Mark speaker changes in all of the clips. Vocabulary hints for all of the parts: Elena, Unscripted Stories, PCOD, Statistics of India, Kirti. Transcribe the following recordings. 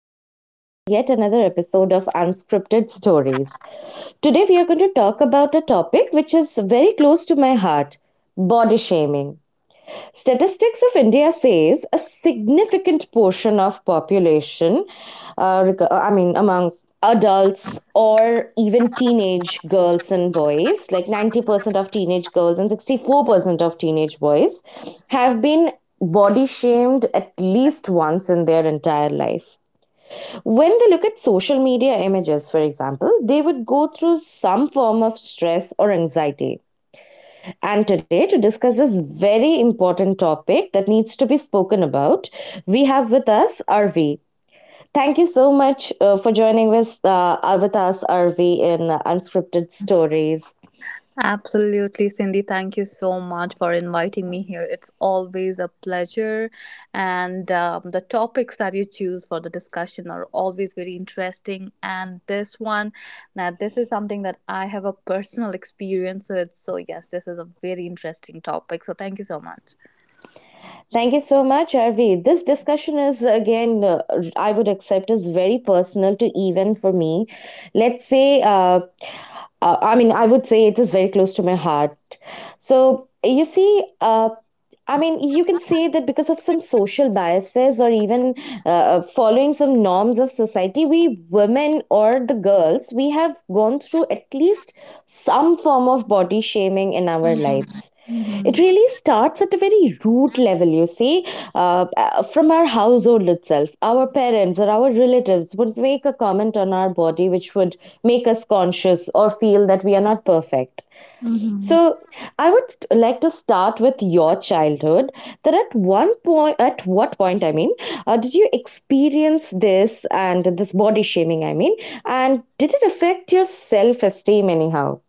Speaker 1: and welcome to yet another episode of Unscripted Stories. Today we are going to talk about a topic which is very close to my heart: body shaming. Statistics of India says a significant portion of population, uh, I mean, amongst adults or even teenage girls and boys, like 90% of teenage girls and 64% of teenage boys, have been body shamed at least once in their entire life. When they look at social media images, for example, they would go through some form of stress or anxiety. And today, to discuss this very important topic that needs to be spoken about, we have with us RV. Thank you so much for joining with us, RV, in Unscripted Stories.
Speaker 2: Absolutely, Cindy. Thank you so much for inviting me here. It's always a pleasure. And the topics that you choose for the discussion are always very interesting. And this one, now, this is something that I have a personal experience with. So, yes, this is a very interesting topic. So, thank you so much.
Speaker 1: Thank you so much, RV. This discussion is, again, I would accept is very personal to even for me. Let's say, I mean, I would say it is very close to my heart. So, you see, I mean, you can say that because of some social biases or even following some norms of society, we women or the girls, we have gone through at least some form of body shaming in our lives.
Speaker 2: Mm-hmm.
Speaker 1: It really starts at a very root level, you see, from our household itself. Our parents or our relatives would make a comment on our body which would make us conscious or feel that we are not perfect.
Speaker 2: Mm-hmm.
Speaker 1: So I would like to start with your childhood. That at one point, at what point, I mean, did you experience this body shaming? I mean, and did it affect your self esteem anyhow?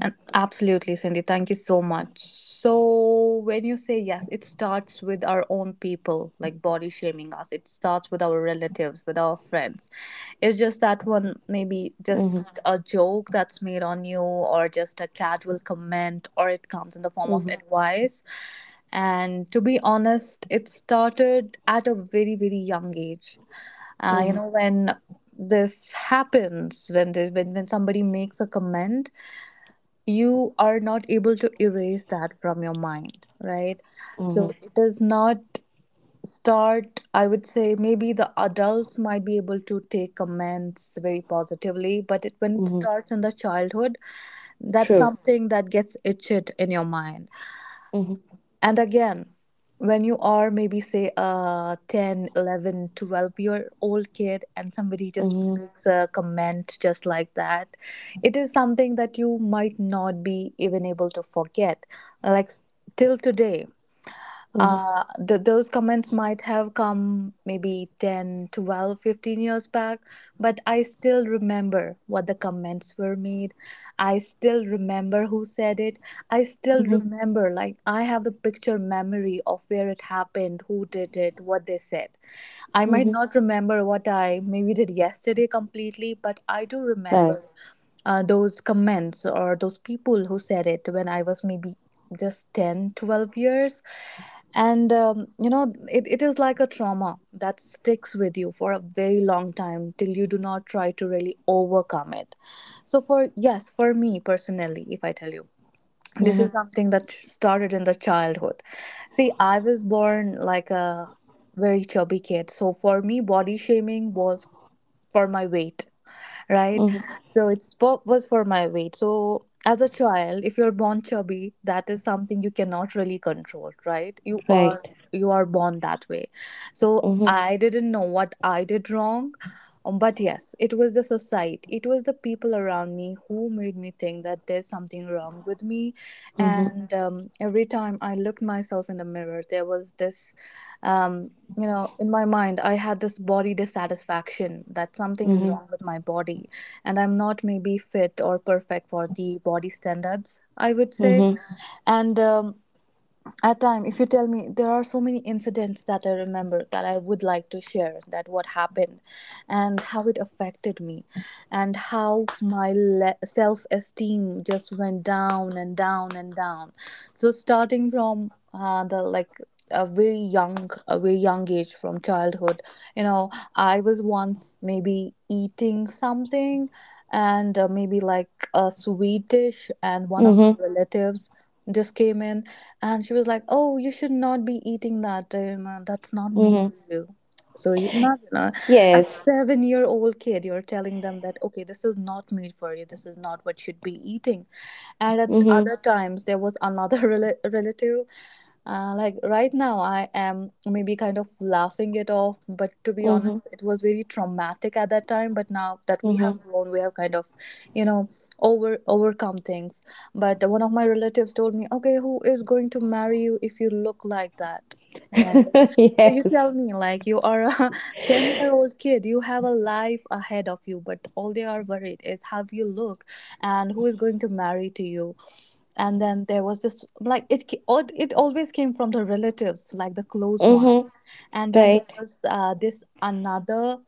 Speaker 2: And absolutely, Cindy, thank you so much. So, when you say yes, it starts with our own people, like body shaming us. It starts with our relatives, with our friends. It's just that one, maybe
Speaker 1: Mm-hmm,
Speaker 2: just a joke that's made on you, or just a casual comment, or it comes in the form of
Speaker 1: mm-hmm,
Speaker 2: advice. And to be honest, it started at a very, very young age. You
Speaker 1: mm-hmm,
Speaker 2: know, when this happens, when somebody makes a comment, you are not able to erase that from your mind, right?
Speaker 1: mm-hmm,
Speaker 2: So it does not start, I would say. Maybe the adults might be able to take comments very positively, but it when it
Speaker 1: mm-hmm.
Speaker 2: starts in the childhood, that's
Speaker 1: True.
Speaker 2: something that gets itched in your mind.
Speaker 1: Mm-hmm,
Speaker 2: And again, when you are maybe, say, a 10, 11, 12 year old kid and somebody just
Speaker 1: mm-hmm,
Speaker 2: makes a comment just like that, it is something that you might not be even able to forget, like, till today.
Speaker 1: mm-hmm,
Speaker 2: Those comments might have come maybe 10, 12, 15 years back, but I still remember what the comments were made. I still remember who said it. I still
Speaker 1: mm-hmm,
Speaker 2: remember, like, I have the picture memory of where it happened, who did it, what they said. I might
Speaker 1: mm-hmm.
Speaker 2: not remember what I maybe did yesterday completely, but I do
Speaker 1: Right.
Speaker 2: remember those comments or those people who said it when I was maybe just 10, 12 years. And, it is like a trauma that sticks with you for a very long time, till you do not try to really overcome it. So, for yes, for me personally, if I tell you, this
Speaker 1: Mm-hmm,
Speaker 2: is something that started in the childhood. See, I was born like a very chubby kid. So, for me, body shaming was for my weight, right?
Speaker 1: mm-hmm,
Speaker 2: So it's for, was for my weight. So as a child, if you're born chubby, that is something you cannot really control, right? You
Speaker 1: right.
Speaker 2: are you are born that way. So
Speaker 1: Mm-hmm,
Speaker 2: I didn't know what I did wrong. But yes, it was the society, it was the people around me who made me think that there's something wrong with me.
Speaker 1: mm-hmm,
Speaker 2: And every time I looked myself in the mirror, there was this. um, in my mind, I had this body dissatisfaction, that something is
Speaker 1: mm-hmm,
Speaker 2: wrong with my body and I'm not maybe fit or perfect for the body standards, I would say.
Speaker 1: mm-hmm,
Speaker 2: And at time, if you tell me, there are so many incidents that I remember that I would like to share, that what happened and how it affected me and how my self-esteem just went down and down and down. So starting from the, like, a very young age from childhood, I was once maybe eating something, and maybe like a sweet dish, and one of my
Speaker 1: mm-hmm,
Speaker 2: relatives just came in, and she was like, "Oh, you should not be eating that. That's not made
Speaker 1: mm-hmm.
Speaker 2: for you." So you imagine a,
Speaker 1: Yes.
Speaker 2: seven-year-old kid. You're telling them that, "Okay, this is not made for you. This is not what you should be eating." And at
Speaker 1: Mm-hmm,
Speaker 2: other times, there was another relative. Like, right now, I am maybe kind of laughing it off, but to be
Speaker 1: mm-hmm,
Speaker 2: honest, it was very traumatic at that time. But now that we have grown, we have kind of, you know, overcome things. But one of my relatives told me, "Okay, who is going to marry you if you look like that?" And I like,
Speaker 1: mm-hmm.
Speaker 2: so you
Speaker 1: Yes.
Speaker 2: tell me, like, you are a 10-year-old kid, you have a life ahead of you, but all they are worried is how you look and who is going to marry to you. And then there was this, like, it always came from the relatives, like the close one
Speaker 1: Mhm.
Speaker 2: and then
Speaker 1: Right.
Speaker 2: there was, this, another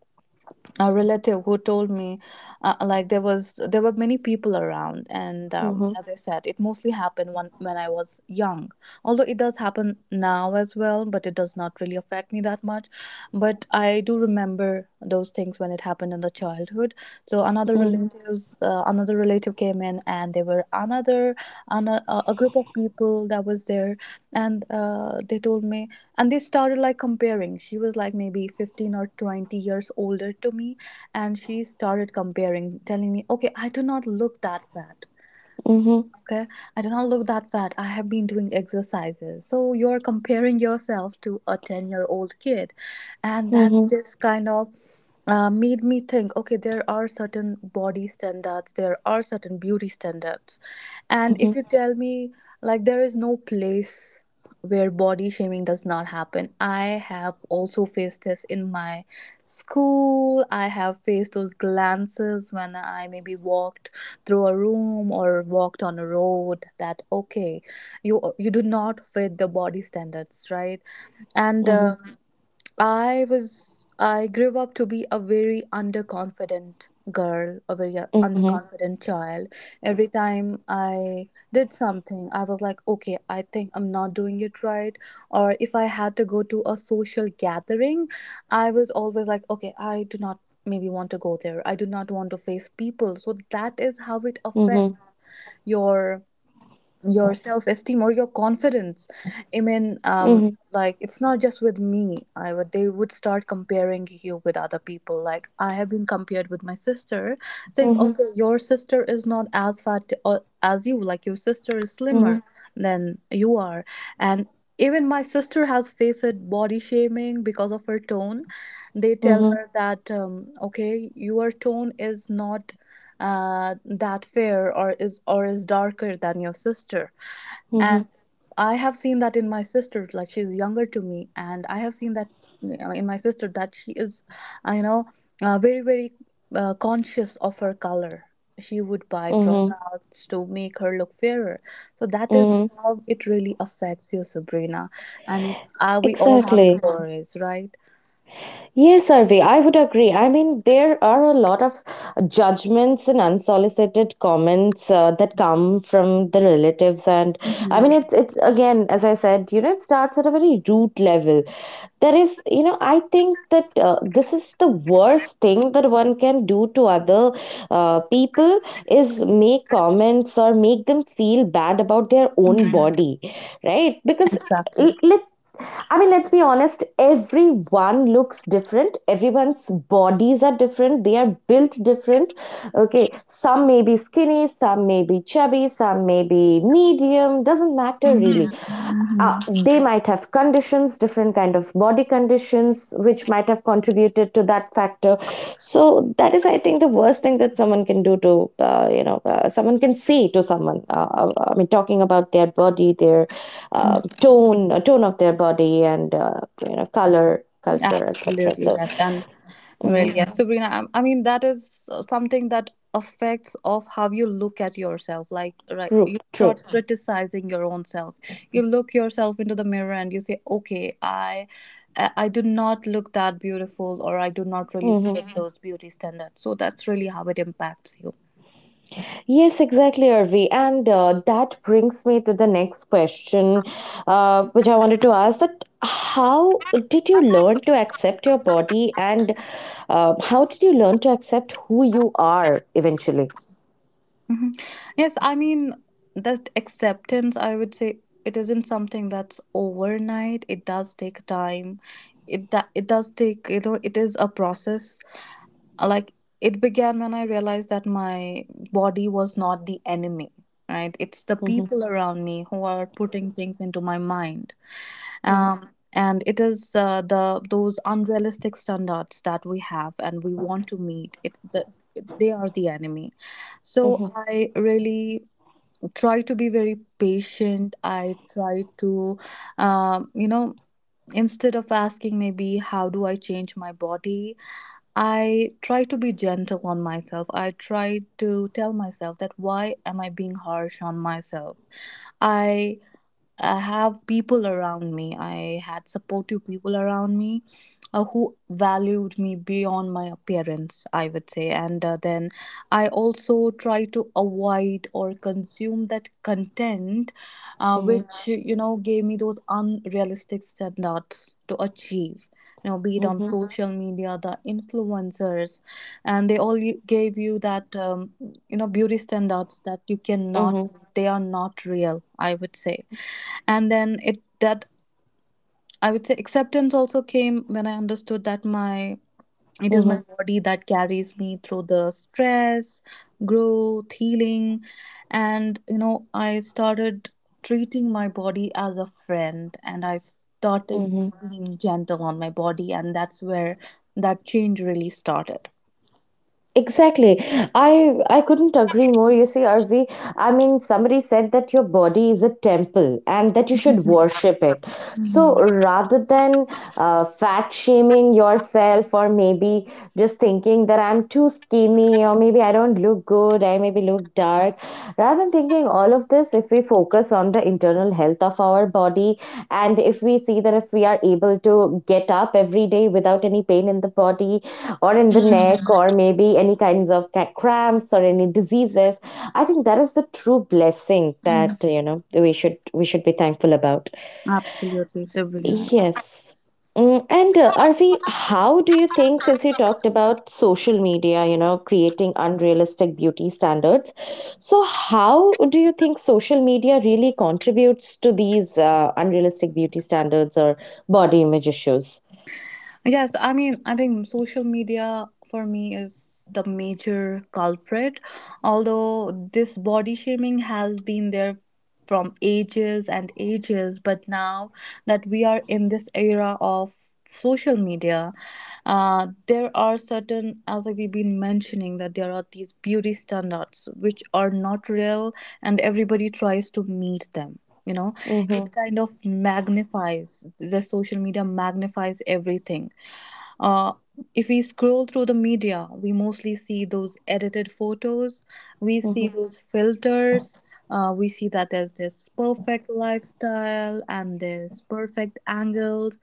Speaker 2: a relative who told me, like, there were many people around, and
Speaker 1: Mhm.
Speaker 2: as I said, it mostly happened when, I was young. Although it does happen now as well, but it does not really affect me that much. But I do remember those things when it happened in the childhood. So another
Speaker 1: Mhm.
Speaker 2: relatives uh, another relative came in, and there were an, a, a group of people that was there, and they told me, and they started, like, comparing. She was, like, maybe 15 or 20 years older to me, and she started comparing, telling me, okay, I do not look that fat.
Speaker 1: Mhm.
Speaker 2: Okay, I did not look at that fat. I have been doing exercises. So you're comparing yourself to a 10-year-old kid. And that
Speaker 1: Mhm.
Speaker 2: just kind of, made me think, okay, there are certain body standards, there are certain beauty standards. And
Speaker 1: Mhm.
Speaker 2: if you tell me, like, there is no place where body shaming does not happen. I have also faced this in my school. I have faced those glances when I maybe walked through a room or walked on a road, that, okay, you do not fit the body standards, right? And
Speaker 1: Mhm.
Speaker 2: I was, I grew up to be a very underconfident girl, a very
Speaker 1: Mhm.
Speaker 2: underconfident child. Every time I did something, I was like, okay, I think I'm not doing it right. Or if I had to go to a social gathering, I was always like, okay, I do not maybe want to go there. I do not want to face people. So that is how it
Speaker 1: Mhm.
Speaker 2: affects your self-esteem or your confidence. I mean,
Speaker 1: Mhm.
Speaker 2: like, it's not just with me. I would they would start comparing you with other people. Like, I have been compared with my sister, saying,
Speaker 1: Mhm.
Speaker 2: okay, your sister is not as fat, as you. Like, your sister is
Speaker 1: Mhm.
Speaker 2: slimmer than you are. And even my sister has faced body shaming because of her tone. They tell
Speaker 1: Mhm.
Speaker 2: her that, okay, your tone is not that fair, or is, darker than your sister.
Speaker 1: Mhm.
Speaker 2: And I have seen that in my sister, like, she's younger to me, and I have seen that, in my sister, that she is, uh, you know very very conscious of her color. She would buy
Speaker 1: Mhm.
Speaker 2: products to make her look fairer. So that is
Speaker 1: Mhm.
Speaker 2: how it really affects you, Sabrina. I mean, we all have
Speaker 1: Exactly.
Speaker 2: stories, right?
Speaker 1: Yes, Arvi, I would agree. I mean, there are a lot of judgments and unsolicited comments that come from the relatives, and I
Speaker 2: Hmm.
Speaker 1: mean, it's again, as I said, it starts at a very root level. There is you know I think that, this is the worst thing that one can do to other people, is make comments or make them feel bad about their own body, right? Because
Speaker 2: Exactly.
Speaker 1: l- let I mean, let's be honest, everyone looks different, everyone's bodies are different, they are built different, okay. Some may be skinny, some may be chubby, some may be medium, doesn't matter really.
Speaker 2: Mm-hmm.
Speaker 1: They might have conditions, different kind of body conditions which might have contributed to that factor. So that is, I think, the worst thing that someone can do to, someone can say to someone, I mean, talking about their body, their tone of their body, and, color, culture, etc.
Speaker 2: Absolutely,
Speaker 1: So,
Speaker 2: yes. And, well,
Speaker 1: mhm,
Speaker 2: yes, Sabrina, I mean, that is something that affects of how you look at yourself. Like, right,
Speaker 1: true,
Speaker 2: you
Speaker 1: true.
Speaker 2: start criticizing your own self. You look yourself into the mirror and you say, okay, I do not look that beautiful, or I do not really
Speaker 1: Mm-hmm.
Speaker 2: fit those beauty standards. So that's really how it impacts you.
Speaker 1: Yes, exactly, Arvi. And that brings me to the next question, which I wanted to ask, that how did you learn to accept your body, and how did you learn to accept who you are eventually?
Speaker 2: Mhm. Yes, I mean, that acceptance, I would say, it isn't something that's overnight. It does take time. It does take, it is a process. Like, it began when I realized that my body was not the enemy, right? It's the
Speaker 1: Mm-hmm,
Speaker 2: people around me who are putting things into my mind,
Speaker 1: mm-hmm,
Speaker 2: and it is, the, those unrealistic standards that we have and we want to meet they are the enemy. So I really try to be very patient. I try to, um, you know instead of asking, maybe, how do I change my body, I try to be gentle on myself. I try to tell myself, that why am I being harsh on myself. I I have people around me. I had supportive people around me, who valued me beyond my appearance, I would say. And then, I also try to avoid or consume that content,
Speaker 1: mm-hmm,
Speaker 2: which, gave me those unrealistic standards to achieve. You know, be it on
Speaker 1: mm-hmm,
Speaker 2: social media, the influencers, and they all gave you that, beauty standards that you cannot
Speaker 1: mm-hmm,
Speaker 2: they are not real, I would say. And then, it that I would say, acceptance also came when I understood that my it is my body that carries me through the stress, growth, healing. And, I started treating my body as a friend, and I started
Speaker 1: mm-hmm.
Speaker 2: being gentle on my body, and that's where that change really started.
Speaker 1: Exactly. I couldn't agree more. You see, R V. I mean, somebody said that your body is a temple and that you should worship it. So
Speaker 2: Hmm.
Speaker 1: rather than fat shaming yourself, or maybe just thinking that I'm too skinny, or maybe I don't look good, I maybe look dark, rather than thinking all of this, if we focus on the internal health of our body, and if we see that if we are able to get up every day without any pain in the body, or in the neck, or maybe any kinds of cramps or any diseases, I think that is the true blessing that, we should be thankful about.
Speaker 2: Absolutely, Sabrina.
Speaker 1: Yes. Mm. And Arvi, how do you think, since you talked about social media, creating unrealistic beauty standards, so how do you think social media really contributes to these unrealistic beauty standards or body image issues?
Speaker 2: Yes, I mean, I think social media for me is the major culprit. Although this body shaming has been there from ages and ages, but now that we are in this era of social media, there are certain, as we've been mentioning, that there are these beauty standards which are not real and everybody tries to meet them. You know,
Speaker 1: Mm-hmm,
Speaker 2: it kind of magnifies, the social media magnifies everything. uh, if we scroll through the media, we mostly see those edited photos, we
Speaker 1: mm-hmm,
Speaker 2: see those filters, we see that there's this perfect lifestyle and there's perfect angles,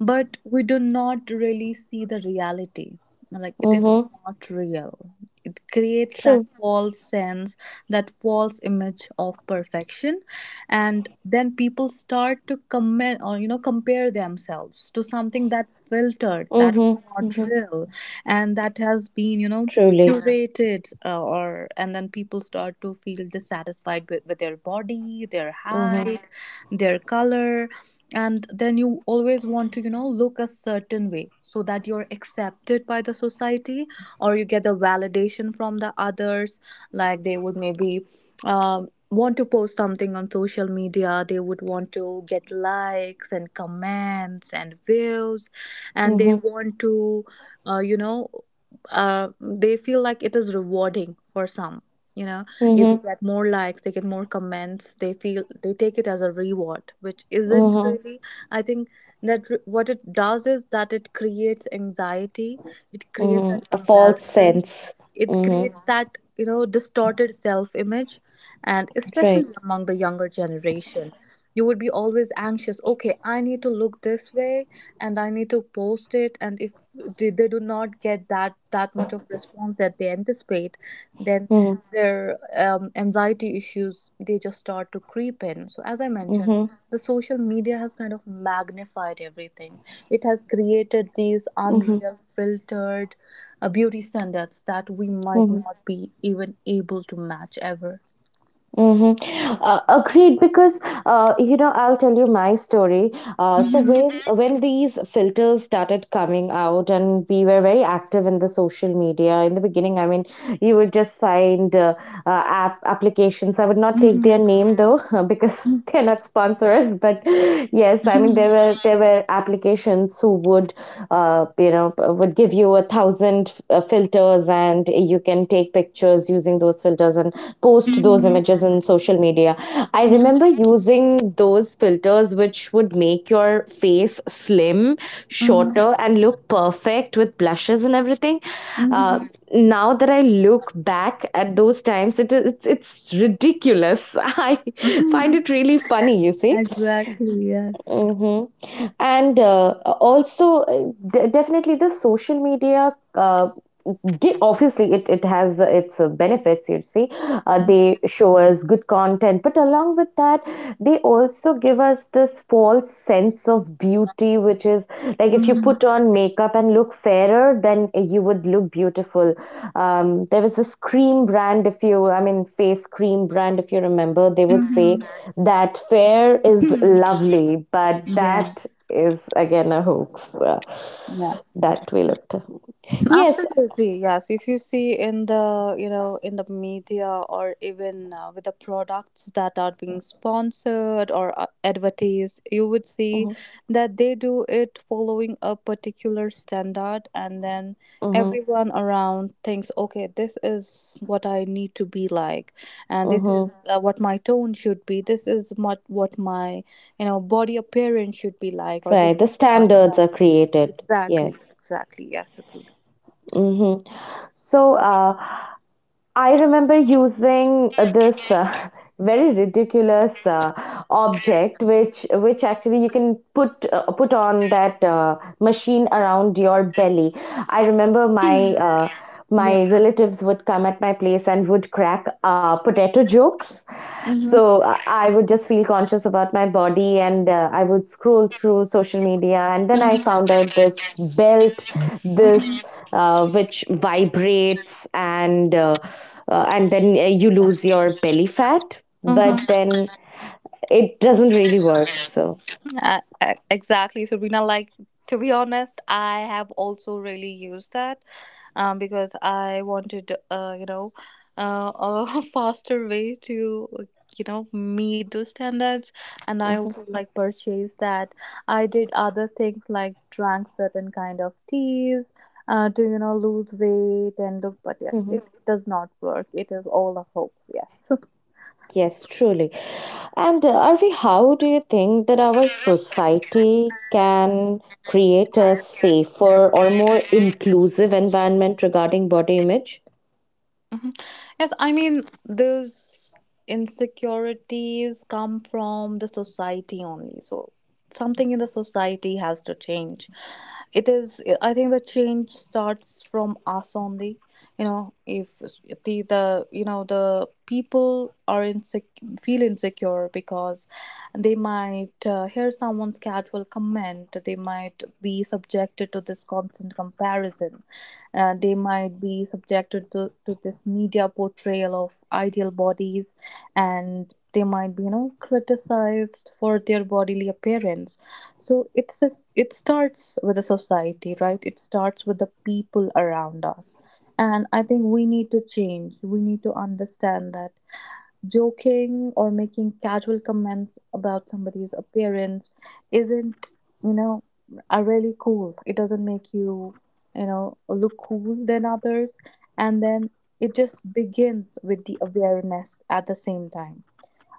Speaker 2: but we do not really see the reality like it is.
Speaker 1: mm-hmm.
Speaker 2: Not real. It creates that
Speaker 1: True.
Speaker 2: false sense, that false image of perfection, and then people start to comment or, you know, compare themselves to something that's filtered,
Speaker 1: Mm-hmm,
Speaker 2: that's not
Speaker 1: mm-hmm.
Speaker 2: real, and that has been, you know,
Speaker 1: Truly.
Speaker 2: curated, or, and then people start to feel dissatisfied with their body, their
Speaker 1: Mm-hmm.
Speaker 2: height, their color, and then you always want to, you know, look a certain way so that you're accepted by the society or you get the validation from the others. Like they would maybe want to post something on social media, they would want to get likes and comments and views, and they
Speaker 1: Mm-hmm.
Speaker 2: want to you know, they feel like it is rewarding for some, you know. If they
Speaker 1: Mm-hmm.
Speaker 2: get more likes, they get more comments, they feel, they take it as a reward, which isn't
Speaker 1: Mm-hmm.
Speaker 2: really. I think that what it does is that it creates anxiety, it creates
Speaker 1: Mm-hmm.
Speaker 2: that
Speaker 1: A false
Speaker 2: comparison,
Speaker 1: sense.
Speaker 2: it
Speaker 1: Mm-hmm.
Speaker 2: creates, yeah, that, you know, distorted self image, and
Speaker 1: Right.
Speaker 2: especially among the younger generation. You would be always anxious, okay, I need to look this way and I need to post it, and if they do not get that much of response that they anticipate, then
Speaker 1: Mm-hmm.
Speaker 2: their anxiety issues, they just start to creep in. So as I mentioned,
Speaker 1: Mm-hmm.
Speaker 2: the social media has kind of magnified everything. It has created these
Speaker 1: Mm-hmm.
Speaker 2: unreal, filtered beauty standards that we might
Speaker 1: Mm-hmm.
Speaker 2: not be even able to match ever.
Speaker 1: Mm-hmm. Agreed, because, I'll tell you my story. Uh, so
Speaker 2: Mhm,
Speaker 1: when when these filters started coming out, and we were very active in the social media in the beginning. I mean, you would just find applications. I would not take their name though, because they're not sponsors. But yes, I mean,
Speaker 2: mhm,
Speaker 1: there were applications who would give you 1,000 filters, and you can take pictures using those filters and post those
Speaker 2: mhm,
Speaker 1: images in social media. I remember using those filters which would make your face slim,
Speaker 2: mhm,
Speaker 1: shorter, and look perfect with blushes and everything. Uh,
Speaker 2: mhm,
Speaker 1: Now that I look back at those times, it's ridiculous. I find
Speaker 2: mhm.
Speaker 1: it really funny. You see.
Speaker 2: Exactly, yes.
Speaker 1: Hmm and uh, also, definitely, the social media. Obviously it has its benefits, you see. They show us good content, but along with that, they also give us this false sense of beauty, which is like, if you
Speaker 2: Mhm,
Speaker 1: put on makeup and look fairer, then you would look beautiful. There was this cream brand, if you face cream brand, if you remember, they would
Speaker 2: mhm.
Speaker 1: say that fair is lovely, but that
Speaker 2: Yes,
Speaker 1: is again a hoax.
Speaker 2: yeah.
Speaker 1: That we looked. Yes.
Speaker 2: Absolutely, yes. If you see in the, you know, in the media, or even with the products that are being sponsored or advertised, you would see
Speaker 1: Mm-hmm.
Speaker 2: that they do it following a particular standard, and then
Speaker 1: Mm-hmm,
Speaker 2: everyone around thinks, okay, this is what I need to be like, and this
Speaker 1: mm-hmm.
Speaker 2: is what my tone should be. This is what my, you know, body appearance should be like, or
Speaker 1: Right.
Speaker 2: this is
Speaker 1: The
Speaker 2: what my
Speaker 1: standards are
Speaker 2: height.
Speaker 1: created.
Speaker 2: Exactly,
Speaker 1: Yes.
Speaker 2: exactly. Yes, Sabrina.
Speaker 1: Mm-hmm. So, I remember using this very ridiculous object, which actually you can put on that machine around your belly. I remember my uh,
Speaker 2: Yeah.
Speaker 1: my relatives would come at my place and would crack potato jokes.
Speaker 2: Mm-hmm.
Speaker 1: So I would just feel conscious about my body, and I would scroll through social media, and then I found out this belt,
Speaker 2: Mm-hmm.
Speaker 1: this which vibrates, and then you lose your belly fat, but
Speaker 2: Mm-hmm.
Speaker 1: then it doesn't really work. So,
Speaker 2: Exactly, Sabrina. Like, to be honest, I have also really used that, because I wanted, you know, a faster way to, you know, meet those standards. And I
Speaker 1: mhm,
Speaker 2: also like purchased that. I did other things like drank certain kind of teas. To, you know, lose weight and look, but yes,
Speaker 1: mhm.
Speaker 2: it does not work, it is all a hoax, yes.
Speaker 1: Yes, truly. And Arvi, how do you think that our society can create a safer or more inclusive environment regarding body image?
Speaker 2: Mhm. Yes, I mean, those insecurities come from the society only. So, something in the society has to change. It is, I think the change starts from us only. You know, if the, the, you know, the people are feel insecure because they might hear someone's casual comment, they might be subjected to this constant comparison, they might be subjected to this media portrayal of ideal bodies, and they might be, you know, criticized for their bodily appearance. So it's a, it starts with the society, right? It starts with the people around us. And I think we need to change, we need to understand that joking or making casual comments about somebody's appearance isn't, you know, are really cool, it doesn't make you, you know, look cool than others. And then it just begins with the awareness. At the same time,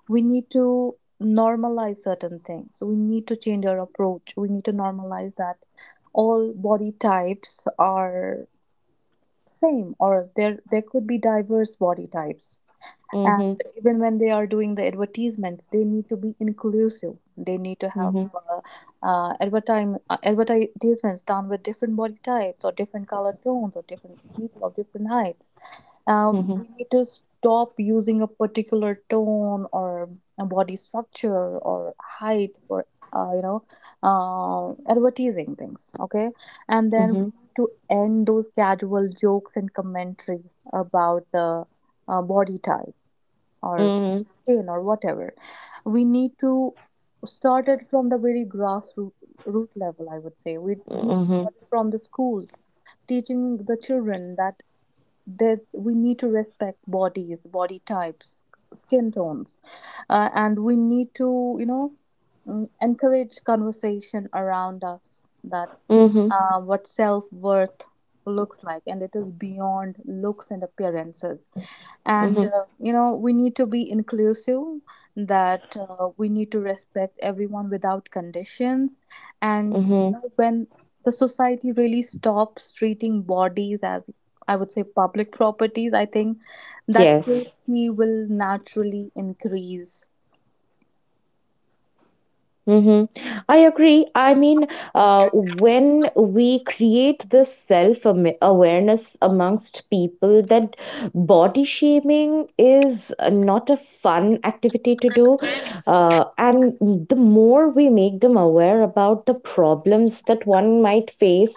Speaker 2: we need to normalize certain things, we need to change our approach, we need to normalize that all body types are same, or there could be diverse body types. And
Speaker 1: Mm-hmm,
Speaker 2: even when they are doing the advertisements, they need to be inclusive, they need to have
Speaker 1: mm-hmm,
Speaker 2: advertisements done with different body types or different color tones or different people of different heights.
Speaker 1: mm-hmm,
Speaker 2: We need to stop using a particular tone or a body structure or height or you know, advertising things, okay? And then we
Speaker 1: mm-hmm,
Speaker 2: need to end those casual jokes and commentary about the body type or
Speaker 1: mm-hmm,
Speaker 2: skin or whatever. We need to start it from the very grassroots root level, I would say. We need to
Speaker 1: mm-hmm,
Speaker 2: start it from the schools, teaching the children that we need to respect bodies, body types, skin tones, and we need to, you know, encourage conversation around us that
Speaker 1: mm-hmm,
Speaker 2: what self-worth looks like, and it is beyond looks and appearances. And
Speaker 1: mm-hmm,
Speaker 2: you know, we need to be inclusive, that we need to respect everyone without conditions. And
Speaker 1: mm-hmm.
Speaker 2: you know, when the society really stops treating bodies as, I would say, public properties, I think that,
Speaker 1: Yes.
Speaker 2: mm, safety will naturally increase.
Speaker 1: Mm-hmm. I agree. I mean, when we create this awareness amongst people that body shaming is, not a fun activity to do, and the more we make them aware about the problems that one might face,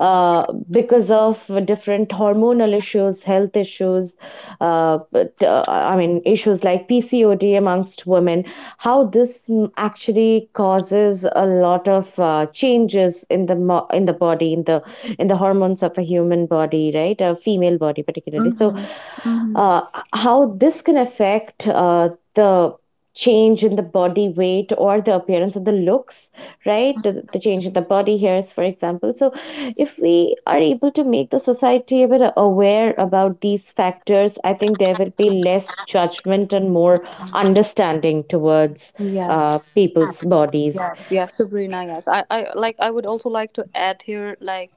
Speaker 1: uh, because of different hormonal issues, health issues, I mean, issues like PCOD amongst women, how this, actually causes a lot of changes in the body, in the hormones of a human body, right? A female body, particularly. So,
Speaker 2: Mm-hmm. Mm-hmm.
Speaker 1: uh, how this can affect, the change in the body weight or the appearance of the looks, right? The change in the body hairs, for example. So, if we are able to make the society a bit aware about these factors, I think there will be less judgment and more understanding towards
Speaker 2: Yes.
Speaker 1: people's bodies.
Speaker 2: Yes, yes, Sabrina, yes. I like, I would also like to add here, like,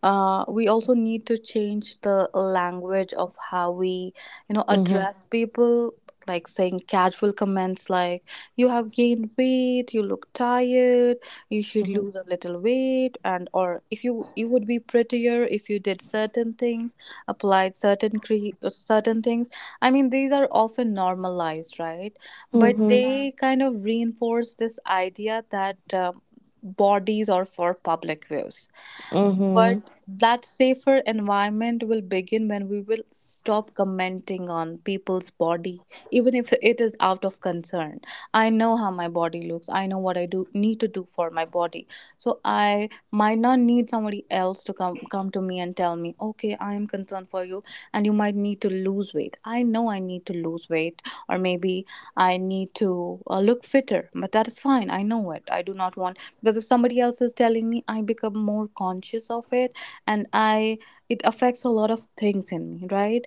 Speaker 2: we also need to change the language of how we, you know,
Speaker 1: Mm-hmm,
Speaker 2: address people. Like saying casual comments like, you have gained weight, you look tired, you should
Speaker 1: mm-hmm,
Speaker 2: lose a little weight, and or if you, you would be prettier if you did certain things, applied certain cre certain things. I mean, these are often normalized, right? But
Speaker 1: mm-hmm,
Speaker 2: they kind of reinforce this idea that, bodies are for public views.
Speaker 1: mm-hmm,
Speaker 2: But that safer environment will begin when we will stop commenting on people's body, even if it is out of concern. I know how my body looks. I know what I do need to do for my body. So I might not need somebody else to come to me and tell me, okay, I am concerned for you, and you might need to lose weight. I know I need to lose weight, or maybe I need to look fitter. But that is fine. I know it. I do not want, because if somebody else is telling me, I become more conscious of it, and I, it affects a lot of things in me, right?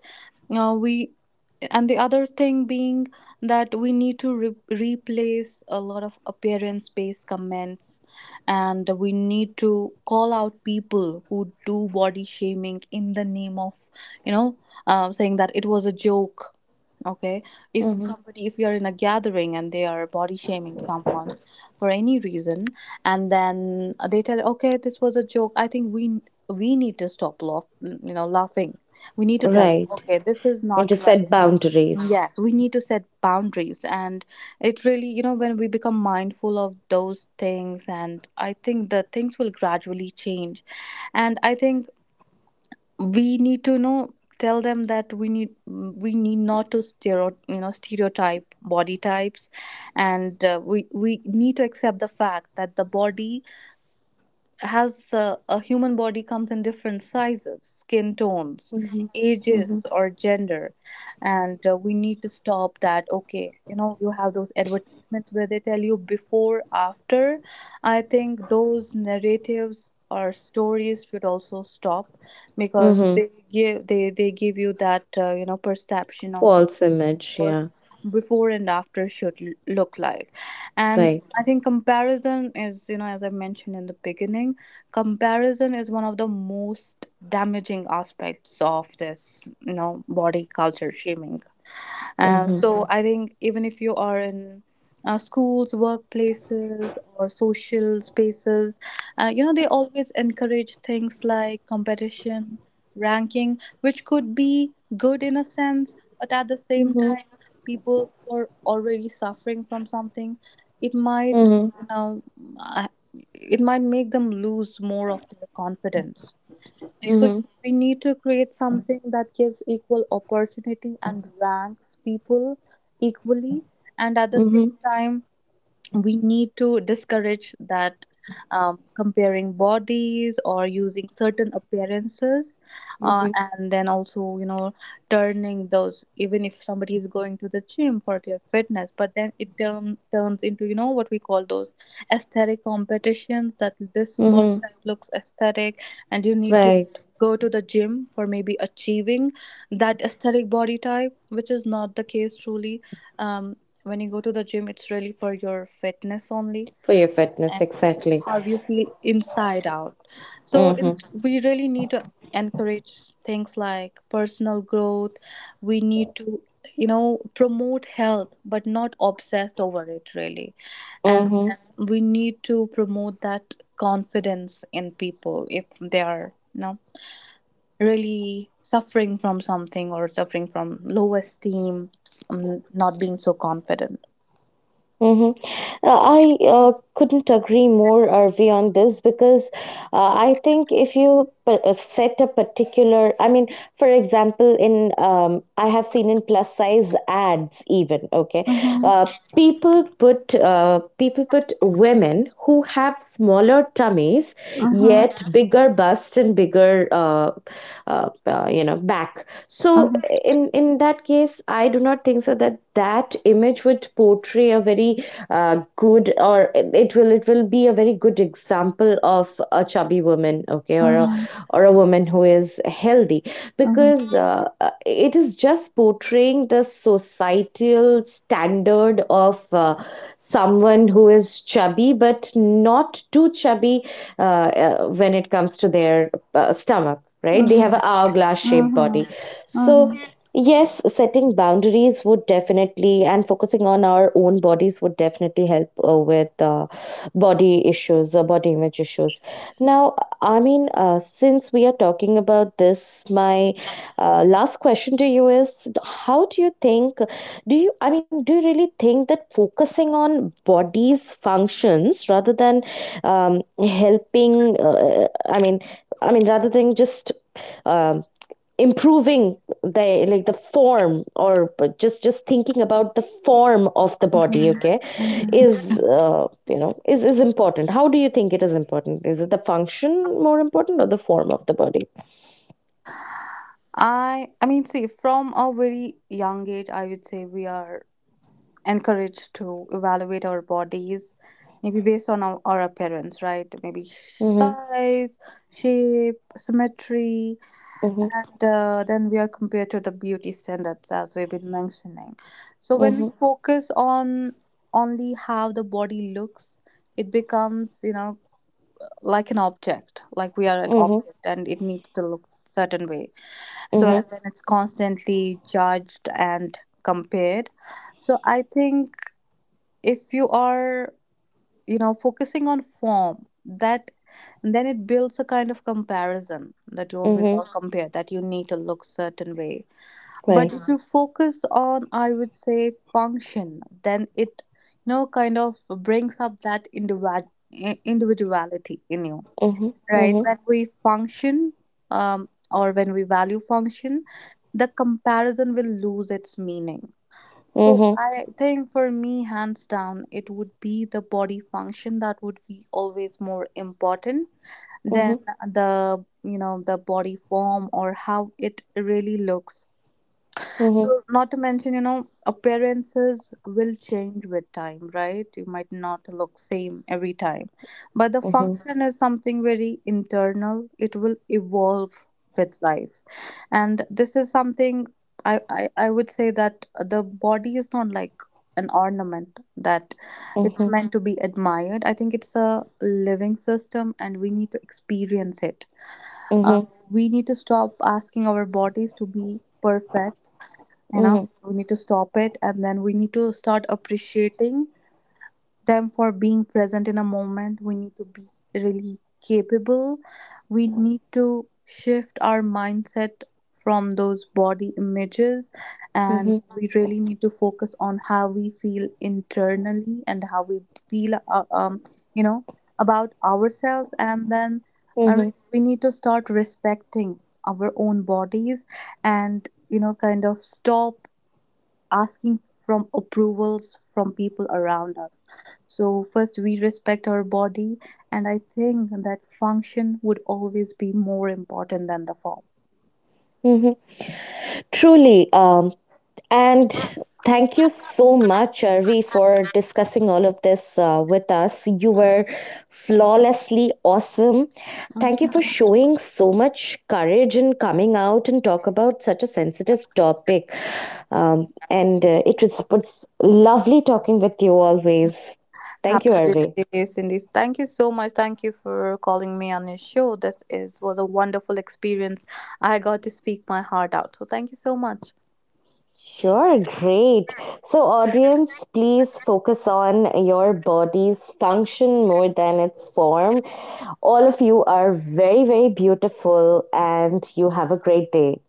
Speaker 2: We, and the other thing being that we need to replace a lot of appearance based comments, and we need to call out people who do body shaming in the name of, you know, saying that it was a joke, okay? If
Speaker 1: mm-hmm.
Speaker 2: somebody, if you're in a gathering and they are body shaming someone for any reason, and then they tell, okay, this was a joke, I think we need to stop you know, laughing, we need to tell them,
Speaker 1: Right.
Speaker 2: okay, this is
Speaker 1: When to
Speaker 2: not
Speaker 1: set
Speaker 2: right.
Speaker 1: boundaries.
Speaker 2: Yes, we need to set boundaries, and it really, you know, when we become mindful of those things, and I think the things will gradually change. And I think we need to, you know, tell them that we need, we need not to you know, stereotype body types. And we need to accept the fact that the body has a human body comes in different sizes, skin tones,
Speaker 1: Mm-hmm, mm-hmm,
Speaker 2: ages or gender. And we need to stop that, okay, you know, you have those advertisements where they tell you before, after, I think those narratives or stories should also stop, because
Speaker 1: mm-hmm.
Speaker 2: they give, they give you that, you know, perception of,
Speaker 1: False image,
Speaker 2: or,
Speaker 1: yeah.
Speaker 2: before and after should look like. And
Speaker 1: Right.
Speaker 2: I think comparison is, you know, as I mentioned in the beginning, comparison is one of the most damaging aspects of this, you know, body culture shaming.
Speaker 1: Mm-hmm,
Speaker 2: So I think, even if you are in schools, workplaces, or social spaces, you know, they always encourage things like competition, ranking, which could be good in a sense, but at the same
Speaker 1: mm-hmm,
Speaker 2: time, people who are already suffering from something, it might,
Speaker 1: mm-hmm,
Speaker 2: you know, uh, it might make them lose more of their confidence. So
Speaker 1: mm-hmm,
Speaker 2: we need to create something that gives equal opportunity and ranks people equally, and at the
Speaker 1: mm-hmm,
Speaker 2: same time we need to discourage that, comparing bodies or using certain appearances.
Speaker 1: mm-hmm,
Speaker 2: And then also, you know, turning those, even if somebody is going to the gym for their fitness, but then it turns into, you know, what we call those aesthetic competitions, that this body
Speaker 1: mm-hmm.
Speaker 2: type looks aesthetic, and you need to
Speaker 1: Right.
Speaker 2: go to the gym for maybe achieving that aesthetic body type, which is not the case truly. um, when you go to the gym, it's really for your fitness only,
Speaker 1: For your fitness,
Speaker 2: and
Speaker 1: exactly.
Speaker 2: how you feel inside out. So
Speaker 1: Mm-hmm,
Speaker 2: it's, we really need to encourage things like personal growth. We need to, you know, promote health, but not obsess over it really. And
Speaker 1: mm-hmm.
Speaker 2: then we need to promote that confidence in people, if they are, you know, really suffering from something or suffering from low esteem, not being so confident.
Speaker 1: Mhm. I, couldn't agree more, Arvi, on this because, I think if you set a particular, I mean, for example, in, I have seen in plus size ads even, okay,
Speaker 2: Mhm.
Speaker 1: uh, people put, women who have smaller tummies
Speaker 2: Mhm.
Speaker 1: yet bigger bust and bigger, back. So
Speaker 2: Mhm.
Speaker 1: in that case, I do not think so that that image would portray a very good, or it will be a very good example of a chubby woman, okay, or a
Speaker 2: Mhm.
Speaker 1: or a woman who is healthy,
Speaker 2: Mhm.
Speaker 1: because, it is just portraying the societal standard of someone who is chubby but not too chubby, when it comes to their stomach, right? They
Speaker 2: Mhm.
Speaker 1: have an hourglass shaped
Speaker 2: Mhm.
Speaker 1: body.
Speaker 2: Mhm.
Speaker 1: So, yes, setting boundaries would definitely, and focusing on our own bodies would definitely help with body issues, body image issues. Now, I mean, since we are talking about this, my last question to you is: How do you think? Do you, I mean, do you really think that focusing on body's functions rather than, helping? I mean, rather than just, um, improving the form, or just thinking about the form of the body,
Speaker 2: Mhm.
Speaker 1: okay,
Speaker 2: Mhm.
Speaker 1: is important. How do you think it is important? Is it the function more important, or the form of the body?
Speaker 2: I mean, see, from a very young age, I would say we are encouraged to evaluate our bodies maybe based on our appearance, right? Maybe
Speaker 1: Mhm,
Speaker 2: size, shape, symmetry.
Speaker 1: mhm,
Speaker 2: And then we are compared to the beauty standards, as we've been mentioning. So when we
Speaker 1: mhm,
Speaker 2: focus on only how the body looks, it becomes, you know, like an object, like we are an
Speaker 1: mhm,
Speaker 2: object and it needs to look certain way. So
Speaker 1: mhm,
Speaker 2: and then it's constantly judged and compared. So I think if you are, you know, focusing on form, that, then it builds a kind of comparison that you always
Speaker 1: mhm.
Speaker 2: are compared, that you need to look certain way. But
Speaker 1: Right.
Speaker 2: if you, mhm, focus on, I would say, function, then it, you know, kind of brings up that individuality in you,
Speaker 1: Mhm,
Speaker 2: right?
Speaker 1: mhm,
Speaker 2: When we function, or when we value function, the comparison will lose its meaning. So
Speaker 1: mhm,
Speaker 2: I think for me, hands down, it would be the body function that would be always more important
Speaker 1: mhm,
Speaker 2: than the, you know, the body form or how it really looks.
Speaker 1: mhm,
Speaker 2: So, not to mention, you know, appearances will change with time, right? You might not look same every time. But the
Speaker 1: mhm,
Speaker 2: function is something very internal. It will evolve with life. And this is something I would say, that the body is not like an ornament that it's
Speaker 1: mhm,
Speaker 2: meant to be admired. I think it's a living system and we need to experience it. Uh,
Speaker 1: mhm,
Speaker 2: we need to stop asking our bodies to be perfect, you know,
Speaker 1: mhm,
Speaker 2: we need to stop it. And then we need to start appreciating them for being present in a moment, we need to be really capable, we need to shift our mindset from those body images,
Speaker 1: mhm,
Speaker 2: and
Speaker 1: mhm,
Speaker 2: we really need to focus on how we feel internally and how we feel, you know, about ourselves. And then uh, we need to start respecting our own bodies, and you know, kind of stop asking from approvals from people around us. So first we respect our body, and I think that function would always be more important than the form.
Speaker 1: mhm. Truly. And thank you so much, Arvi, for discussing all of this with us. You were flawlessly awesome. Thank you for showing so much courage in coming out and talk about such a sensitive topic. And it was lovely talking with you always. Thank you, Arvi.
Speaker 2: Absolutely, Cindy, thank you so much. Thank you for calling me on your show, this is was a wonderful experience. I got to speak my heart out, so thank you so much.
Speaker 1: Sure, great. So, audience, please focus on your body's function more than its form. All of you are very, very beautiful, and you have a great day.